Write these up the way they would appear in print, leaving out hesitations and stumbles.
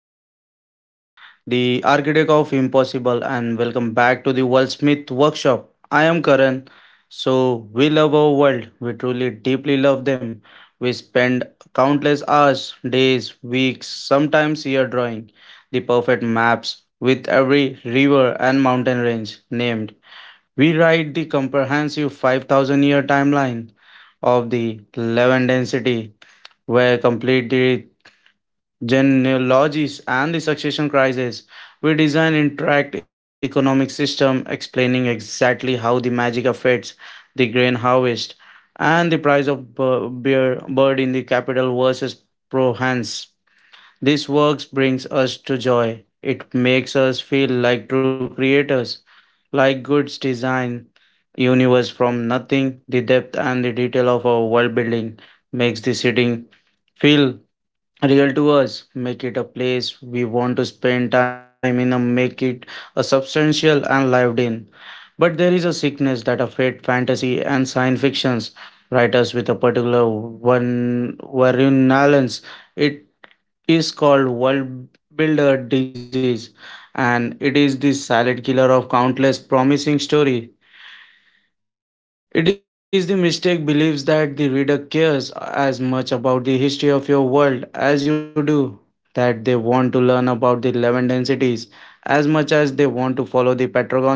podcast session, The Architect of Impossible, and welcome back to the Wordsmith Workshop. I am Karan. So, we love our world, we truly deeply love them. We spend countless hours, days, weeks, sometimes year drawing the perfect maps with every river and mountain range named. We write the comprehensive 5,000 year timeline of the Levantine city where complete the genealogies and the succession crisis, we design interact economic system explaining exactly how the magic affects the grain harvest and the price of beer bird in the capital versus prohance. This works brings us to joy, it makes us feel like true creators, like goods design universe from nothing. The depth and the detail of our world building makes the sitting feel real to us, make it a place we want to spend time in and make it a substantial and lived in. But there is a sickness that affect fantasy and science fictions writers with a particular one virulence. It is called world builder disease, and it is the silent killer of countless promising story. It is the mistake believes that the reader cares as much about the history of your world as you do, that they want to learn about the Levanten cities as much as they want to follow the protagonist's journey.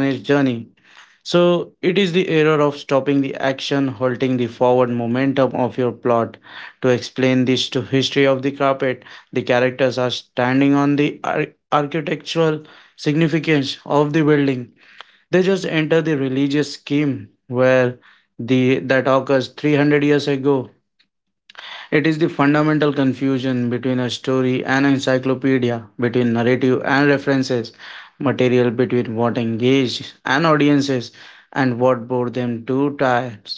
So, it is the error of stopping the action, halting the forward momentum of your plot. To explain this to history of the carpet, the characters are standing on the architectural significance of the building they just enter the religious scheme where the that occurs 300 years ago. It is the fundamental confusion between a story and an encyclopedia, between narrative and references, material between what engaged and audiences and what bore them too tired.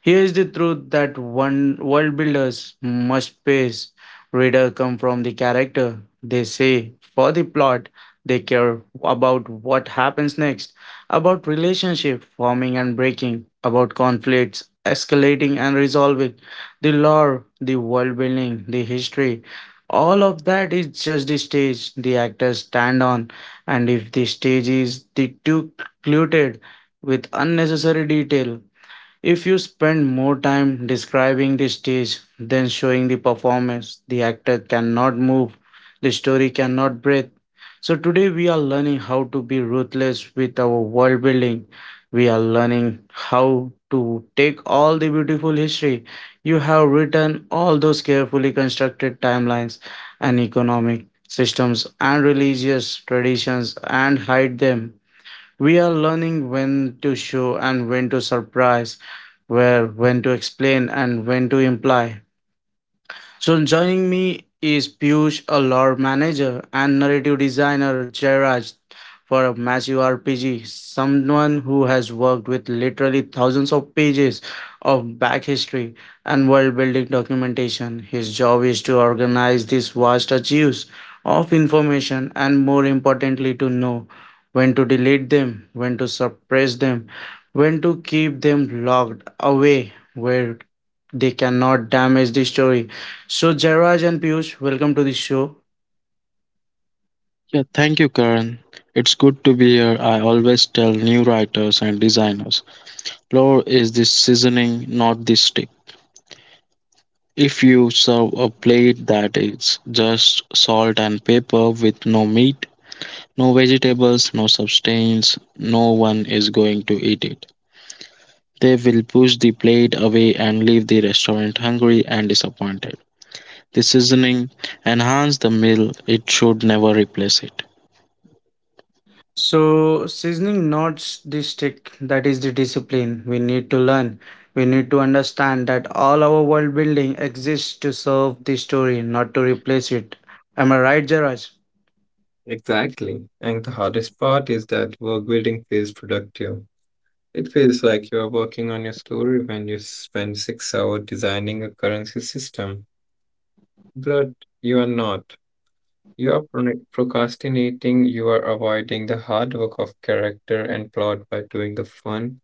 Here is the truth that one world builders must face. Reader come from the character, they say for the plot. They care about what happens next, about relationship forming and breaking, about conflicts escalating and resolving the lore, the world building, the history. All of that is just the stage the actors stand on, and if the stage is the too cluttered with unnecessary detail, if you spend more time describing the stage than showing the performance, the actor cannot move, the story cannot breathe. So today we are learning how to be ruthless with our world building. We are learning how to take all the beautiful history you have written, all those carefully constructed timelines and economic systems and religious traditions, and hide them. We are learning when to show and when to surprise, where when to explain and when to imply. So joining me is Piyush, a lore manager and narrative designer Jairaj for a massive RPG, someone who has worked with literally thousands of pages of back history and world building documentation. His job is to organize these vast archives of information and more importantly to know when to delete them, when to suppress them, when to keep them locked away where they cannot damage the story. So, Jairaj and Piyush, welcome to the show. Yeah, thank you, Karan. It's good to be here. I always tell new writers and designers flour is the seasoning, not the stick. If you serve a plate that is just salt and pepper with no meat, no vegetables, no substance, no one is going to eat it. They will push the plate away and leave the restaurant hungry and disappointed. The seasoning enhances the meal, it should never replace it. So, seasoning not the stick, that is the discipline we need to learn. We need to understand that all our world building exists to serve the story, not to replace it. Am I right, Jairaj? Exactly. And the hardest part is that work building feels productive. It feels like you are working on your story when you spend 6 hours designing a currency system. But you are not. You are procrastinating, you are avoiding the hard work of character and plot by doing the fun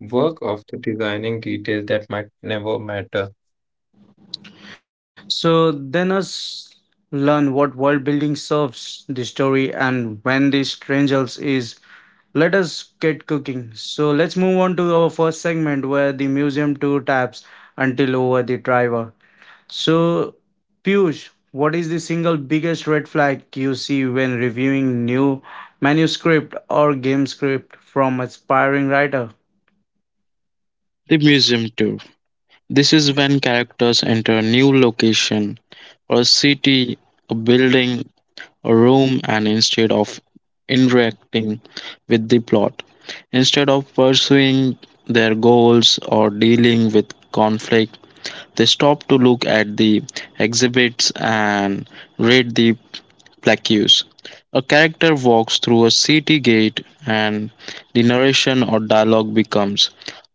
work of the designing details that might never matter. So, then us learn what world building serves the story and when the strangers is. Let us get cooking. So let's move on to our first segment where the museum tour taps until over the driver. So, Piyush, what is the single biggest red flag you see when reviewing new manuscript or game script from aspiring writer? The museum tour. This is when characters enter a new location, or a city, a building, a room, and instead of interacting with the plot, instead of pursuing their goals or dealing with conflict, they stop to look at the exhibits and read the plaques. A character walks through a city gate, and the narration or dialogue becomes,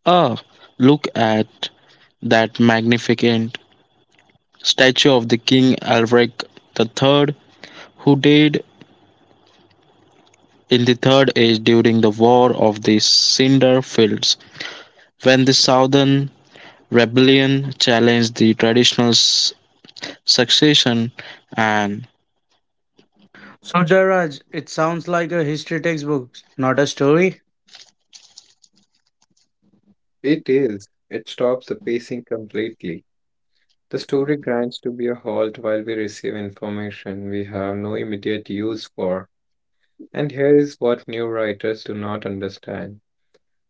"Ah, look at that magnificent statue of the King Alaric the Third, who died in the Third Age during the War of the Cinder Fields, when the Southern Rebellion challenged the traditional succession and..." So, Jairaj, it sounds like a history textbook, not a story. It is. It stops the pacing completely. The story grinds to be a halt while we receive information we have no immediate use for. And here is what new writers do not understand,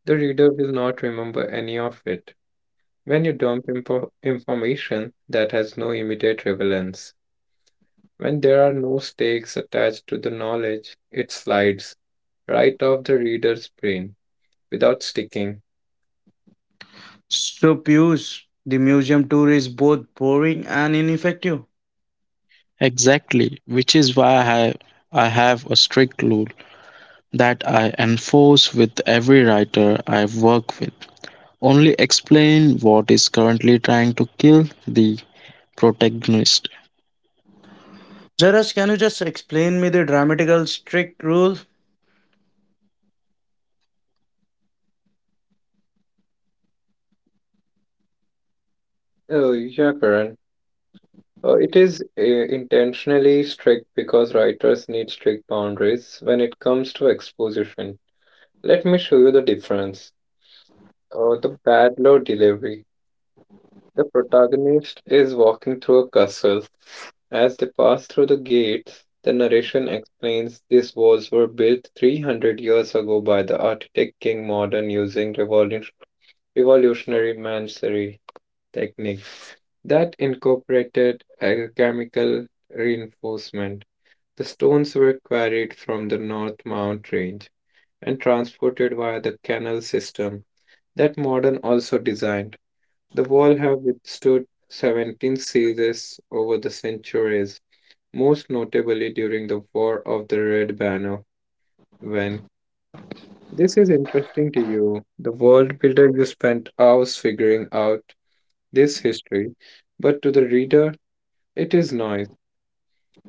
the reader will not remember any of it. When you dump information that has no immediate relevance, when there are no stakes attached to the knowledge, it slides right off the reader's brain without sticking. So, Piyush, the museum tour is both boring and ineffective. Exactly, which is why I have a strict rule that I enforce with every writer I work with. Only explain what is currently trying to kill the protagonist. Jairaj, can you just explain me the grammatical strict rule? Oh, yeah, Karan. It is intentionally strict because writers need strict boundaries when it comes to exposition. Let me show you the difference. The bad law delivery. The protagonist is walking through a castle. As they pass through the gates, the narration explains these walls were built 300 years ago by the architect King Modern using revolutionary masonry techniques that incorporated alchemical reinforcement. The stones were quarried from the North Mount Range and transported via the canal system that modern also designed. The wall have withstood 17 sieges over the centuries, most notably during the War of the Red Banner when this is interesting to you. The world builder you spent hours figuring out this history, but to the reader it is noise.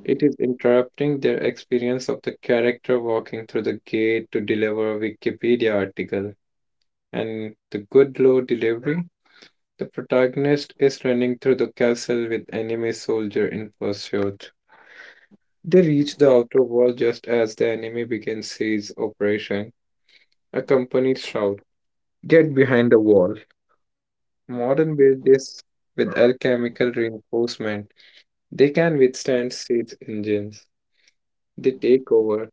It is interrupting their experience of the character walking through the gate to deliver a Wikipedia article. And the good law delivery, the protagonist is running through the castle with enemy soldier in pursuit. They reach the outer wall just as the enemy begins siege operation. A company shout, get behind the wall. Modern build this with alchemical reinforcement. They can withstand siege engines. They take over.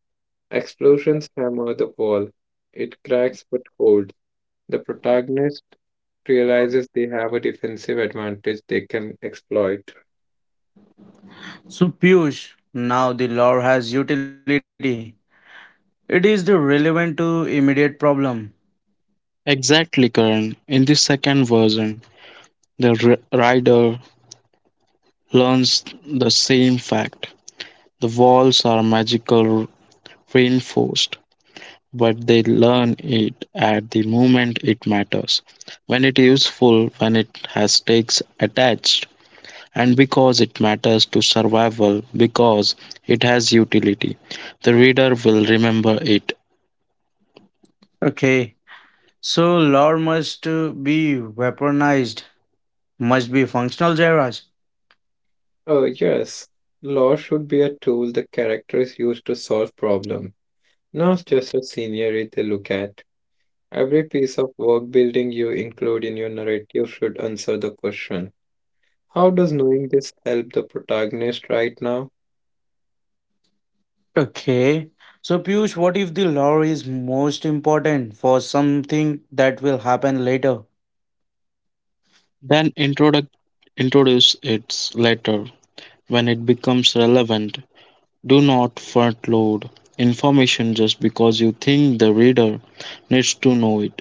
Explosions hammer the wall. It cracks but holds. The protagonist realizes they have a defensive advantage they can exploit. So, Piyush, now the law has utility. It is the relevant to immediate problem. Exactly, Karan. In the second version, the rider learns the same fact. The walls are magical reinforced. But they learn it at the moment it matters, when it is useful, when it has stakes attached, and because it matters to survival, because it has utility. The reader will remember it. Okay, so law must be weaponized, must be functional, Jairaj. Oh, yes. Law should be a tool the characters use to solve problems, not just a scenery they look at. Every piece of work building you include in your narrative should answer the question, how does knowing this help the protagonist right now? Okay, so Piyush, what if the law is most important for something that will happen later? Then introduce it later when it becomes relevant. Do not front load information just because you think the reader needs to know it.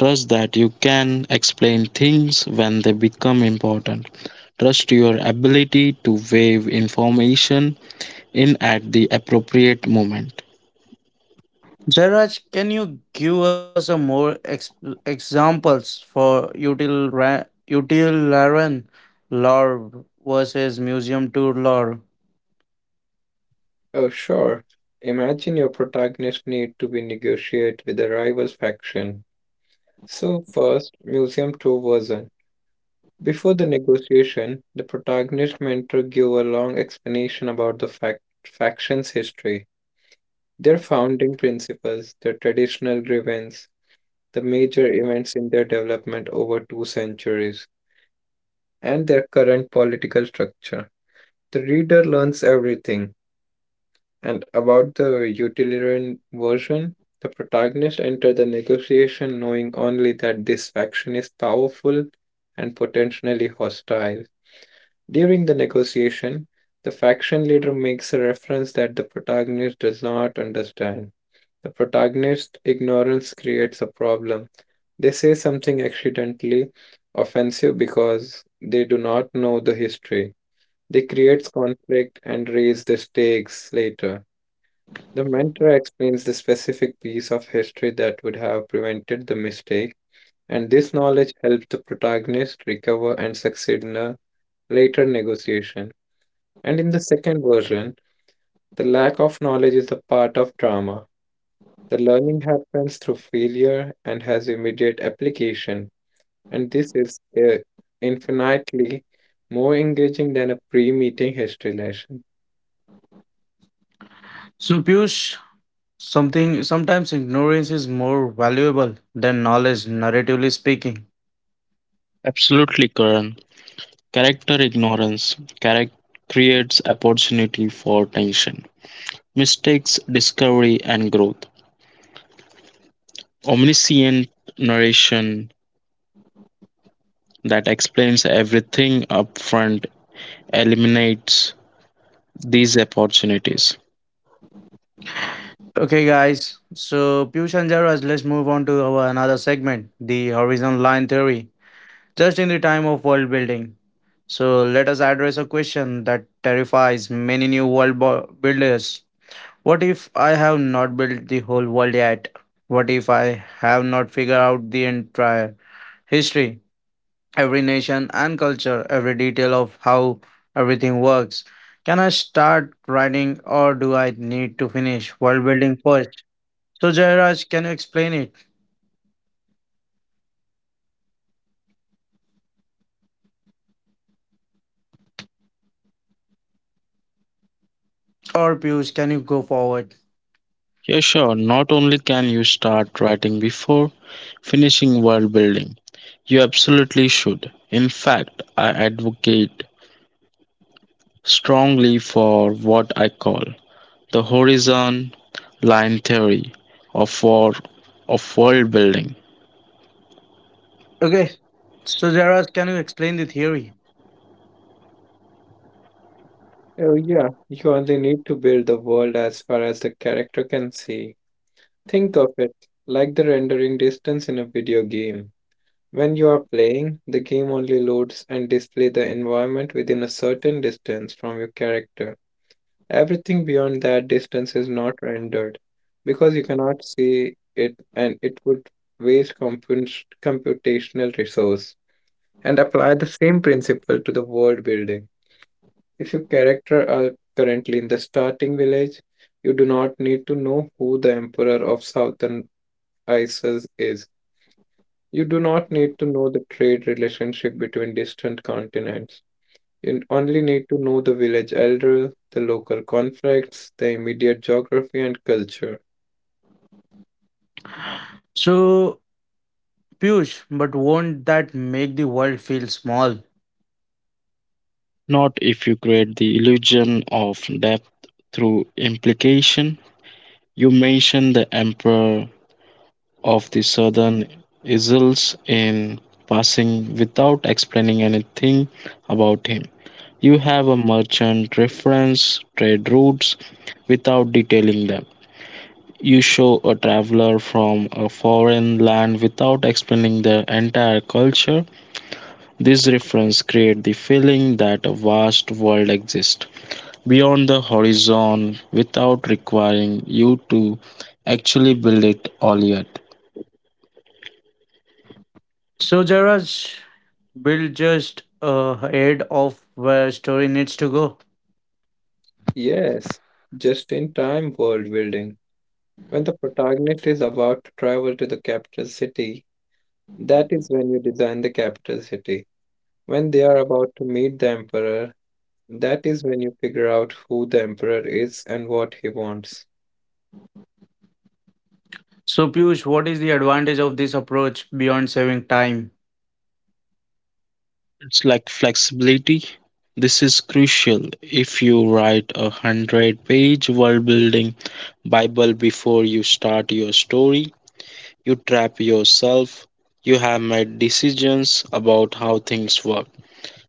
Trust that you can explain things when they become important. Trust your ability to weave information in at the appropriate moment. Jairaj, can you give us a more examples for utilitarian law versus museum tour law? Oh, sure. Imagine your protagonist need to be negotiate with a rival faction. So first, museum tour version. Before the negotiation, the protagonist mentor give a long explanation about the faction's history, their founding principles, their traditional grievance, the major events in their development over two centuries, and their current political structure. The reader learns everything. And about the utilitarian version, the protagonist enter the negotiation knowing only that this faction is powerful and potentially hostile. During the negotiation, the faction leader makes a reference that the protagonist does not understand. The protagonist's ignorance creates a problem. They say something accidentally offensive because they do not know the history. They creates conflict and raise the stakes later. The mentor explains the specific piece of history that would have prevented the mistake, and this knowledge helps the protagonist recover and succeed in a later negotiation. And in the second version, the lack of knowledge is a part of drama. The learning happens through failure and has immediate application, and this is infinitely more engaging than a pre meeting history lesson. So Piyush, something sometimes ignorance is more valuable than knowledge, narratively speaking. Absolutely, Karan. Character ignorance charac- creates opportunity for tension, mistakes, discovery, and growth. Omniscient narration that explains everything upfront eliminates these opportunities. Okay, guys. So Piyush and Jairaj, let's move on to our another segment, the horizon line theory. Just in the time of world building. So let us address a question that terrifies many new world builders. What if I have not built the whole world yet? What if I have not figured out the entire history? Every nation and culture, every detail of how everything works. Can I start writing or do I need to finish world building first? So, Jairaj, can you explain it? Or Piyush, can you go forward? Yeah, sure. Not only can you start writing before finishing world building, you absolutely should. In fact, I advocate strongly for what I call the horizon line theory of war of world building. Okay. So, Jairaj, can you explain the theory? Oh, yeah, you only need to build the world as far as the character can see. Think of it like the rendering distance in a video game. When you are playing, the game only loads and displays the environment within a certain distance from your character. Everything beyond that distance is not rendered because you cannot see it and it would waste computational resource. And apply the same principle to the world building. If your character are currently in the starting village, you do not need to know who the emperor of southern Isis is. You do not need to know the trade relationship between distant continents. You only need to know the village elder, the local conflicts, the immediate geography and culture. So, Piyush, but won't that make the world feel small? Not if you create the illusion of depth through implication. You mentioned the emperor of the southern Isles in passing without explaining anything about him. You have a merchant reference trade routes without detailing them. You show a traveler from a foreign land without explaining their entire culture. These references create the feeling that a vast world exists beyond the horizon without requiring you to actually build it all yet. So, Jairaj, build just ahead of where story needs to go. Yes, just in time world building. When the protagonist is about to travel to the capital city, that is when you design the capital city. When they are about to meet the emperor, that is when you figure out who the emperor is and what he wants. So, Piyush, what is the advantage of this approach beyond saving time? It's like flexibility. This is crucial. If you write a 100 page world building Bible before you start your story, you trap yourself. You have made decisions about how things work,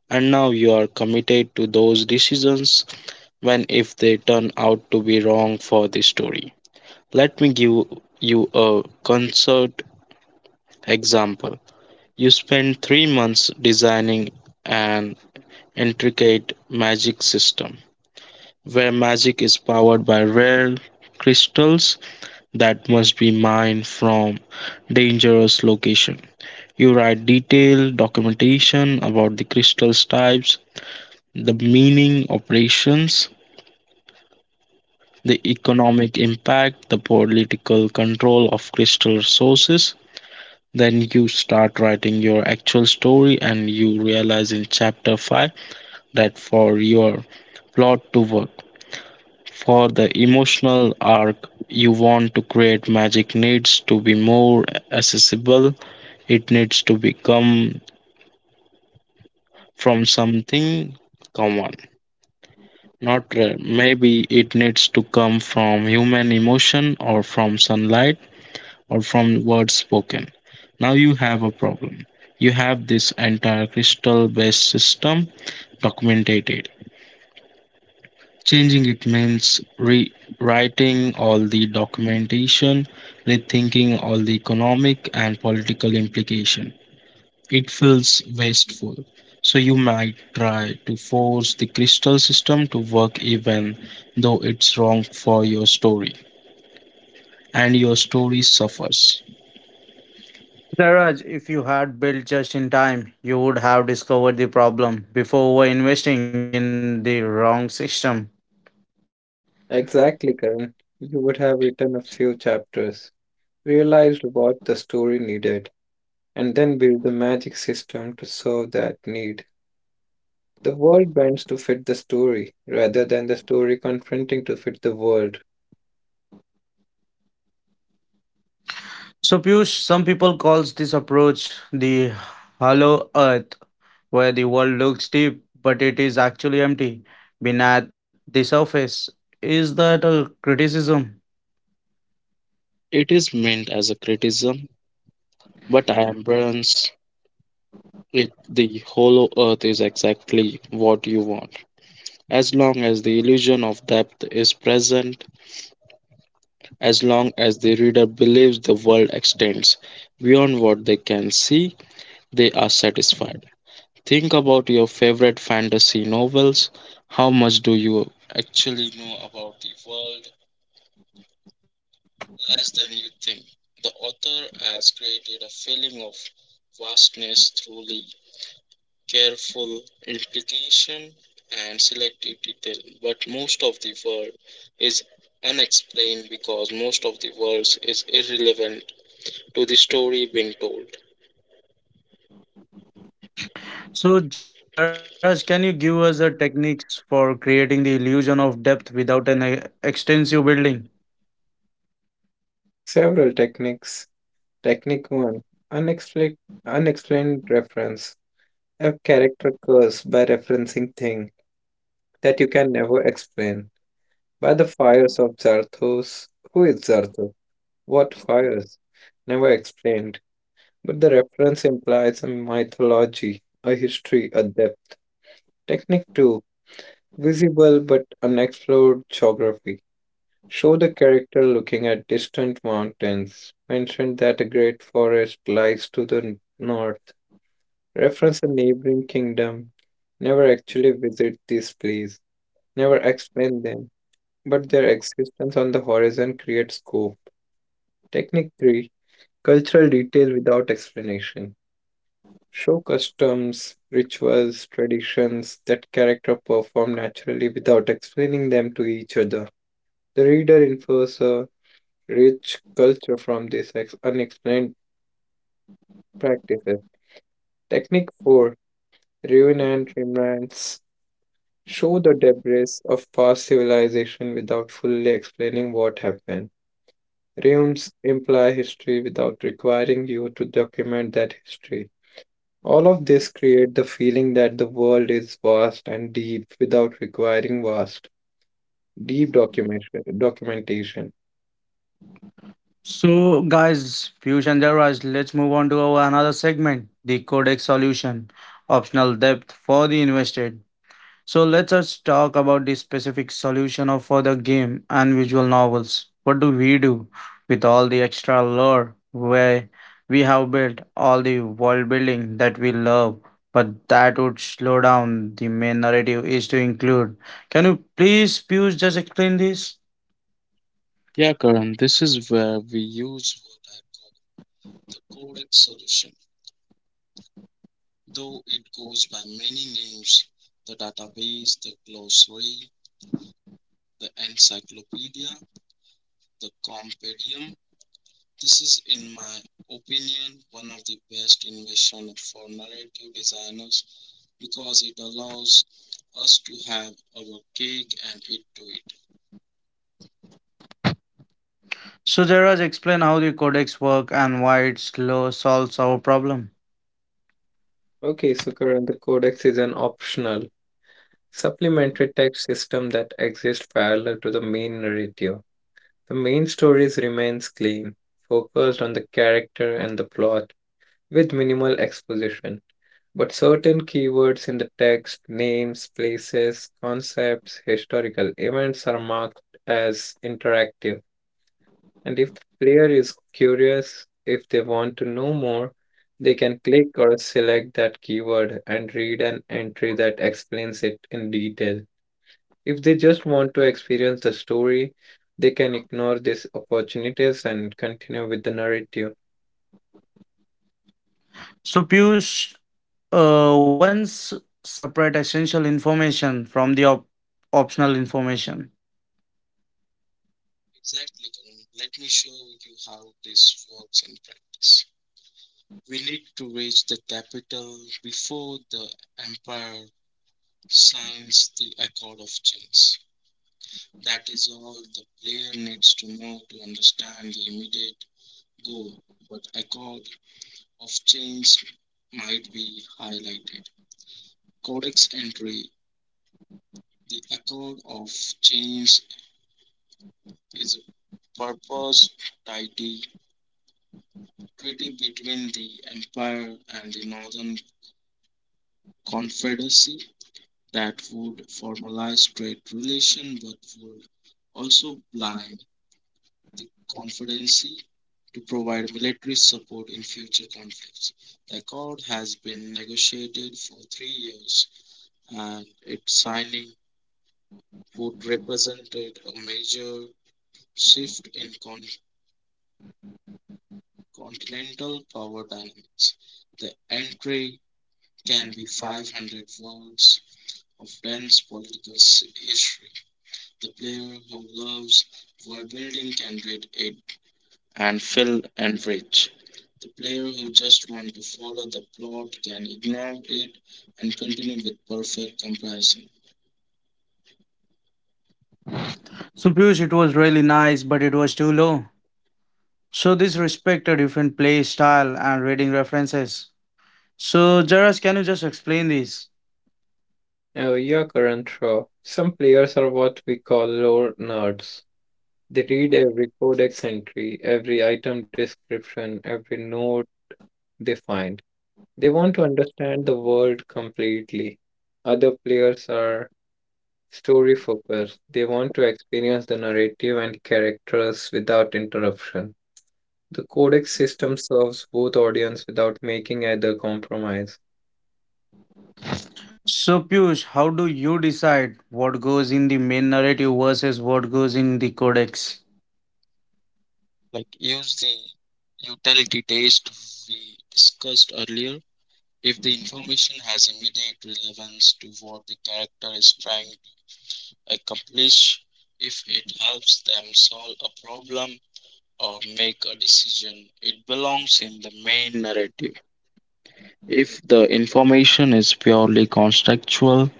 and now you are committed to those decisions when if they turn out to be wrong for the story. Let me give you a concert example. You spend 3 months designing an intricate magic system where magic is powered by rare crystals that must be mined from dangerous location. You write detailed documentation about the crystals types, the meaning operations, the economic impact, the political control of crystal resources. Then you start writing your actual story and you realize in chapter 5 that for your plot to work. For the emotional arc you want to create, magic needs to be more accessible. It needs to become from something common, not rare. Maybe it needs to come from human emotion or from sunlight or from words spoken. Now you have a problem. You have this entire crystal based system documented. Changing it means rewriting all the documentation, rethinking all the economic and political implication. It feels wasteful. So you might try to force the crystal system to work even though it's wrong for your story and your story suffers. Raj, if you had built just in time, you would have discovered the problem before over investing in the wrong system. Exactly, Karan. You would have written a few chapters, realized what the story needed, and then built the magic system to serve that need. The world bends to fit the story rather than the story confronting to fit the world. So Piyush, some people calls this approach the hollow earth, where the world looks deep, but it is actually empty beneath the surface. Is that a criticism? It is meant as a criticism, but I embrace it. The hollow earth is exactly what you want. As long as the illusion of depth is present, as long as the reader believes the world extends beyond what they can see, they are satisfied. Think about your favorite fantasy novels. How much do you actually know about the world? Less than you think. The author has created a feeling of vastness through the careful implication and selective detail. But most of the world is unexplained because most of the world is irrelevant to the story being told. So Jaraj, can you give us the techniques for creating the illusion of depth without an extensive building? Several techniques. Technique 1, Unexplained, unexplained reference. A character curse by referencing thing that you can never explain. By the fires of Zarthos. Who is Zarthos? What fires? Never explained. But the reference implies a mythology, a history, a depth. Technique 2, visible but unexplored geography. Show the character looking at distant mountains. Mention that a great forest lies to the north. Reference a neighboring kingdom. Never actually visit these places. Never explain them. But their existence on the horizon creates scope. Technique 3, cultural detail without explanation, show customs, rituals, traditions that character perform naturally without explaining them to each other. The reader infers a rich culture from these unexplained practices. Technique 4, ruin and remnants, show the debris of past civilization without fully explaining what happened. Ruins imply history without requiring you to document that history. All of this create the feeling that the world is vast and deep without requiring vast, deep documentation. So, guys, fusion theorized. Let's move on to our another segment, the codex solution, optional depth for the invested. So, let's just talk about the specific solution of for the game and visual novels. What do we do with all the extra lore where we have built all the world building that we love, but that would slow down the main narrative is to include. Can you please, Pius, just explain this? Yeah, Karan, this is where we use what I call the correct solution. Though it goes by many names, the database, the glossary, the encyclopedia, the compendium. This is, in my opinion, one of the best invention for narrative designers because it allows us to have our cake and eat to it. So Jairaj, explain how the codex work and why it slow solves our problem. Okay, so Karan, the codex is an optional, supplementary text system that exists parallel to the main narrative. The main stories remains clean, focused on the character and the plot, with minimal exposition. But certain keywords in the text, names, places, concepts, historical events are marked as interactive. And if the player is curious, if they want to know more, they can click or select that keyword and read an entry that explains it in detail. If they just want to experience the story, they can ignore these opportunities and continue with the narrative. So Piyush, once separate essential information from the optional information. Exactly, Karan. Let me show you how this works in practice. We need to reach the capital before the empire signs the Accord of Change. That is all the player needs to know to understand the immediate goal, but Accord of Change might be highlighted. Codex entry: The Accord of Change is a purpose treaty, treaty between the empire and the northern confederacy that would formalize trade relation but would also blind the confederacy to provide military support in future conflicts. The accord has been negotiated for 3 years and its signing would represented a major shift in continental power dynamics. The entry can be 500 words of dense political history. The player who loves world building can read it and feel enriched. The player who just wants to follow the plot can ignore it and continue with perfect comparison. So Piyush, it was really nice, but it was too low. So this respect a different play style and reading references. So Jairaj, can you just explain this? Oh yeah, current show. Some players are what we call lore nerds. They read every codex entry, every item description, every note they find. They want to understand the world completely. Other players are story focused. They want to experience the narrative and characters without interruption. The codex system serves both audience without making either compromise. So Piyush, how do you decide what goes in the main narrative versus what goes in the codex? Like use the utility test we discussed earlier. If the information has immediate relevance to what the character is trying to accomplish, if it helps them solve a problem or make a decision, it belongs in the main narrative. If the information is purely contextual,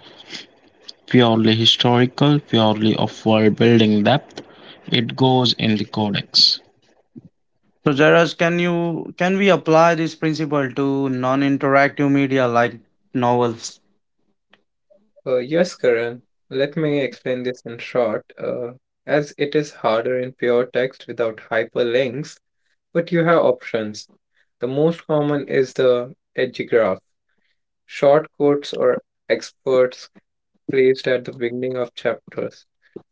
purely historical, purely of world building depth, it goes in the codex. So, Jairaj, can you can we apply this principle to non-interactive media like novels? Yes, Karan, let me explain this in short. As it is harder in pure text without hyperlinks, but you have options. The most common is the edgegraph, short quotes or experts placed at the beginning of chapters.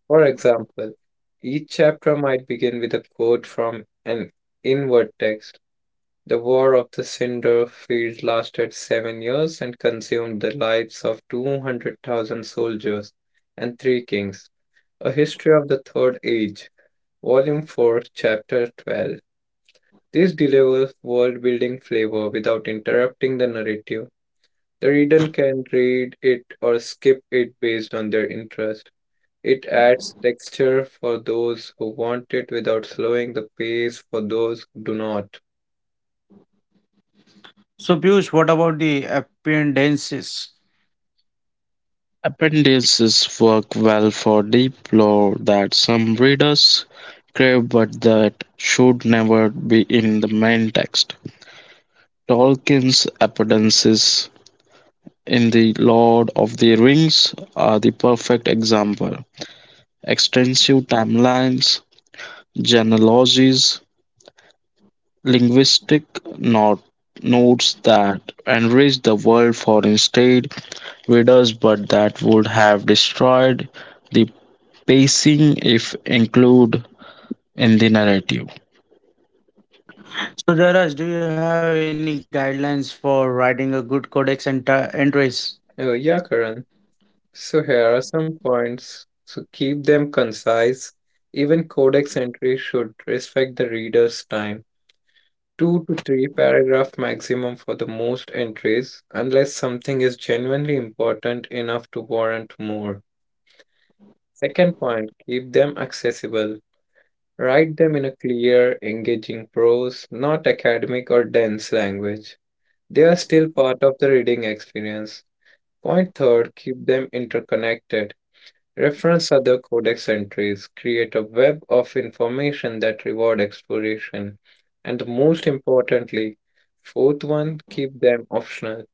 For example, each chapter might begin with a quote from an inward text. The War of the Cinder Field lasted 7 years and consumed the lives of 200,000 soldiers and three kings. A History of the Third Age, Volume 4, Chapter 12. This delivers world building flavor without interrupting the narrative. The reader can read it or skip it based on their interest. It adds texture for those who want it without slowing the pace for those who do not. So, Piyush, what about the appendices? Appendices work well for deep lore that some readers crave but that should never be in the main text. Tolkien's appendices in The Lord of the Rings are the perfect example. Extensive timelines, genealogies, linguistic not notes that enriched the world for instead readers but that would have destroyed the pacing if included in the narrative. So, Jairaj, do you have any guidelines for writing a good codex and entries? Oh, yeah, Karan. So here are some points. So keep them concise. Even codex entry should respect the reader's time. Two to three paragraph maximum for the most entries, unless something is genuinely important enough to warrant more. Second point, keep them accessible. Write them in a clear, engaging prose, not academic or dense language. They are still part of the reading experience. Point third, keep them interconnected. Reference other codex entries. Create a web of information that reward exploration. And most importantly, fourth one, keep them optional.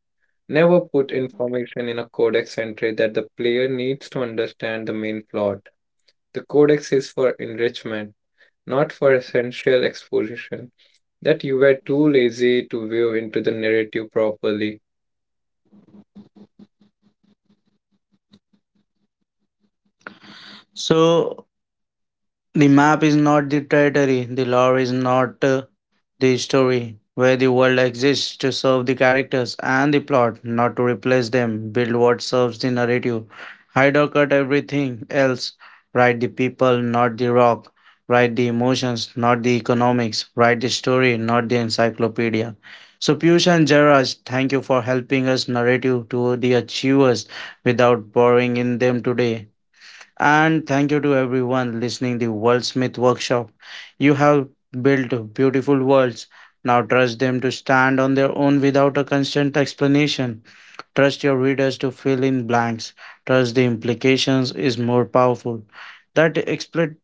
Never put information in a codex entry that the player needs to understand the main plot. The codex is for enrichment, not for essential exposition, that you were too lazy to weave into the narrative properly. So, the map is not the territory, the lore is not the story, where the world exists to serve the characters and the plot, not to replace them, build what serves the narrative, hide or cut everything else, write the people, not the rock, write the emotions, not the economics, write the story, not the encyclopedia. So Piyush and Jarraj, thank you for helping us narrative to the achievers without boring in them today. And thank you to everyone listening the worldsmith Workshop. You have built beautiful worlds. Now trust them to stand on their own without a constant explanation. Trust your readers to fill in blanks. Trust the implications is more powerful. That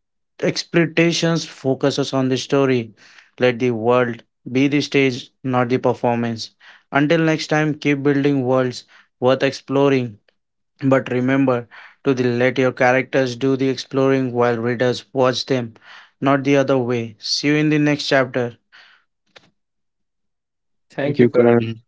exploitations focuses on the story. Let the world be the stage, not the performance. Until next time, keep building worlds worth exploring. But remember to the, let your characters do the exploring while readers watch them, not the other way. See you in the next chapter. If Thank you you, Karan. can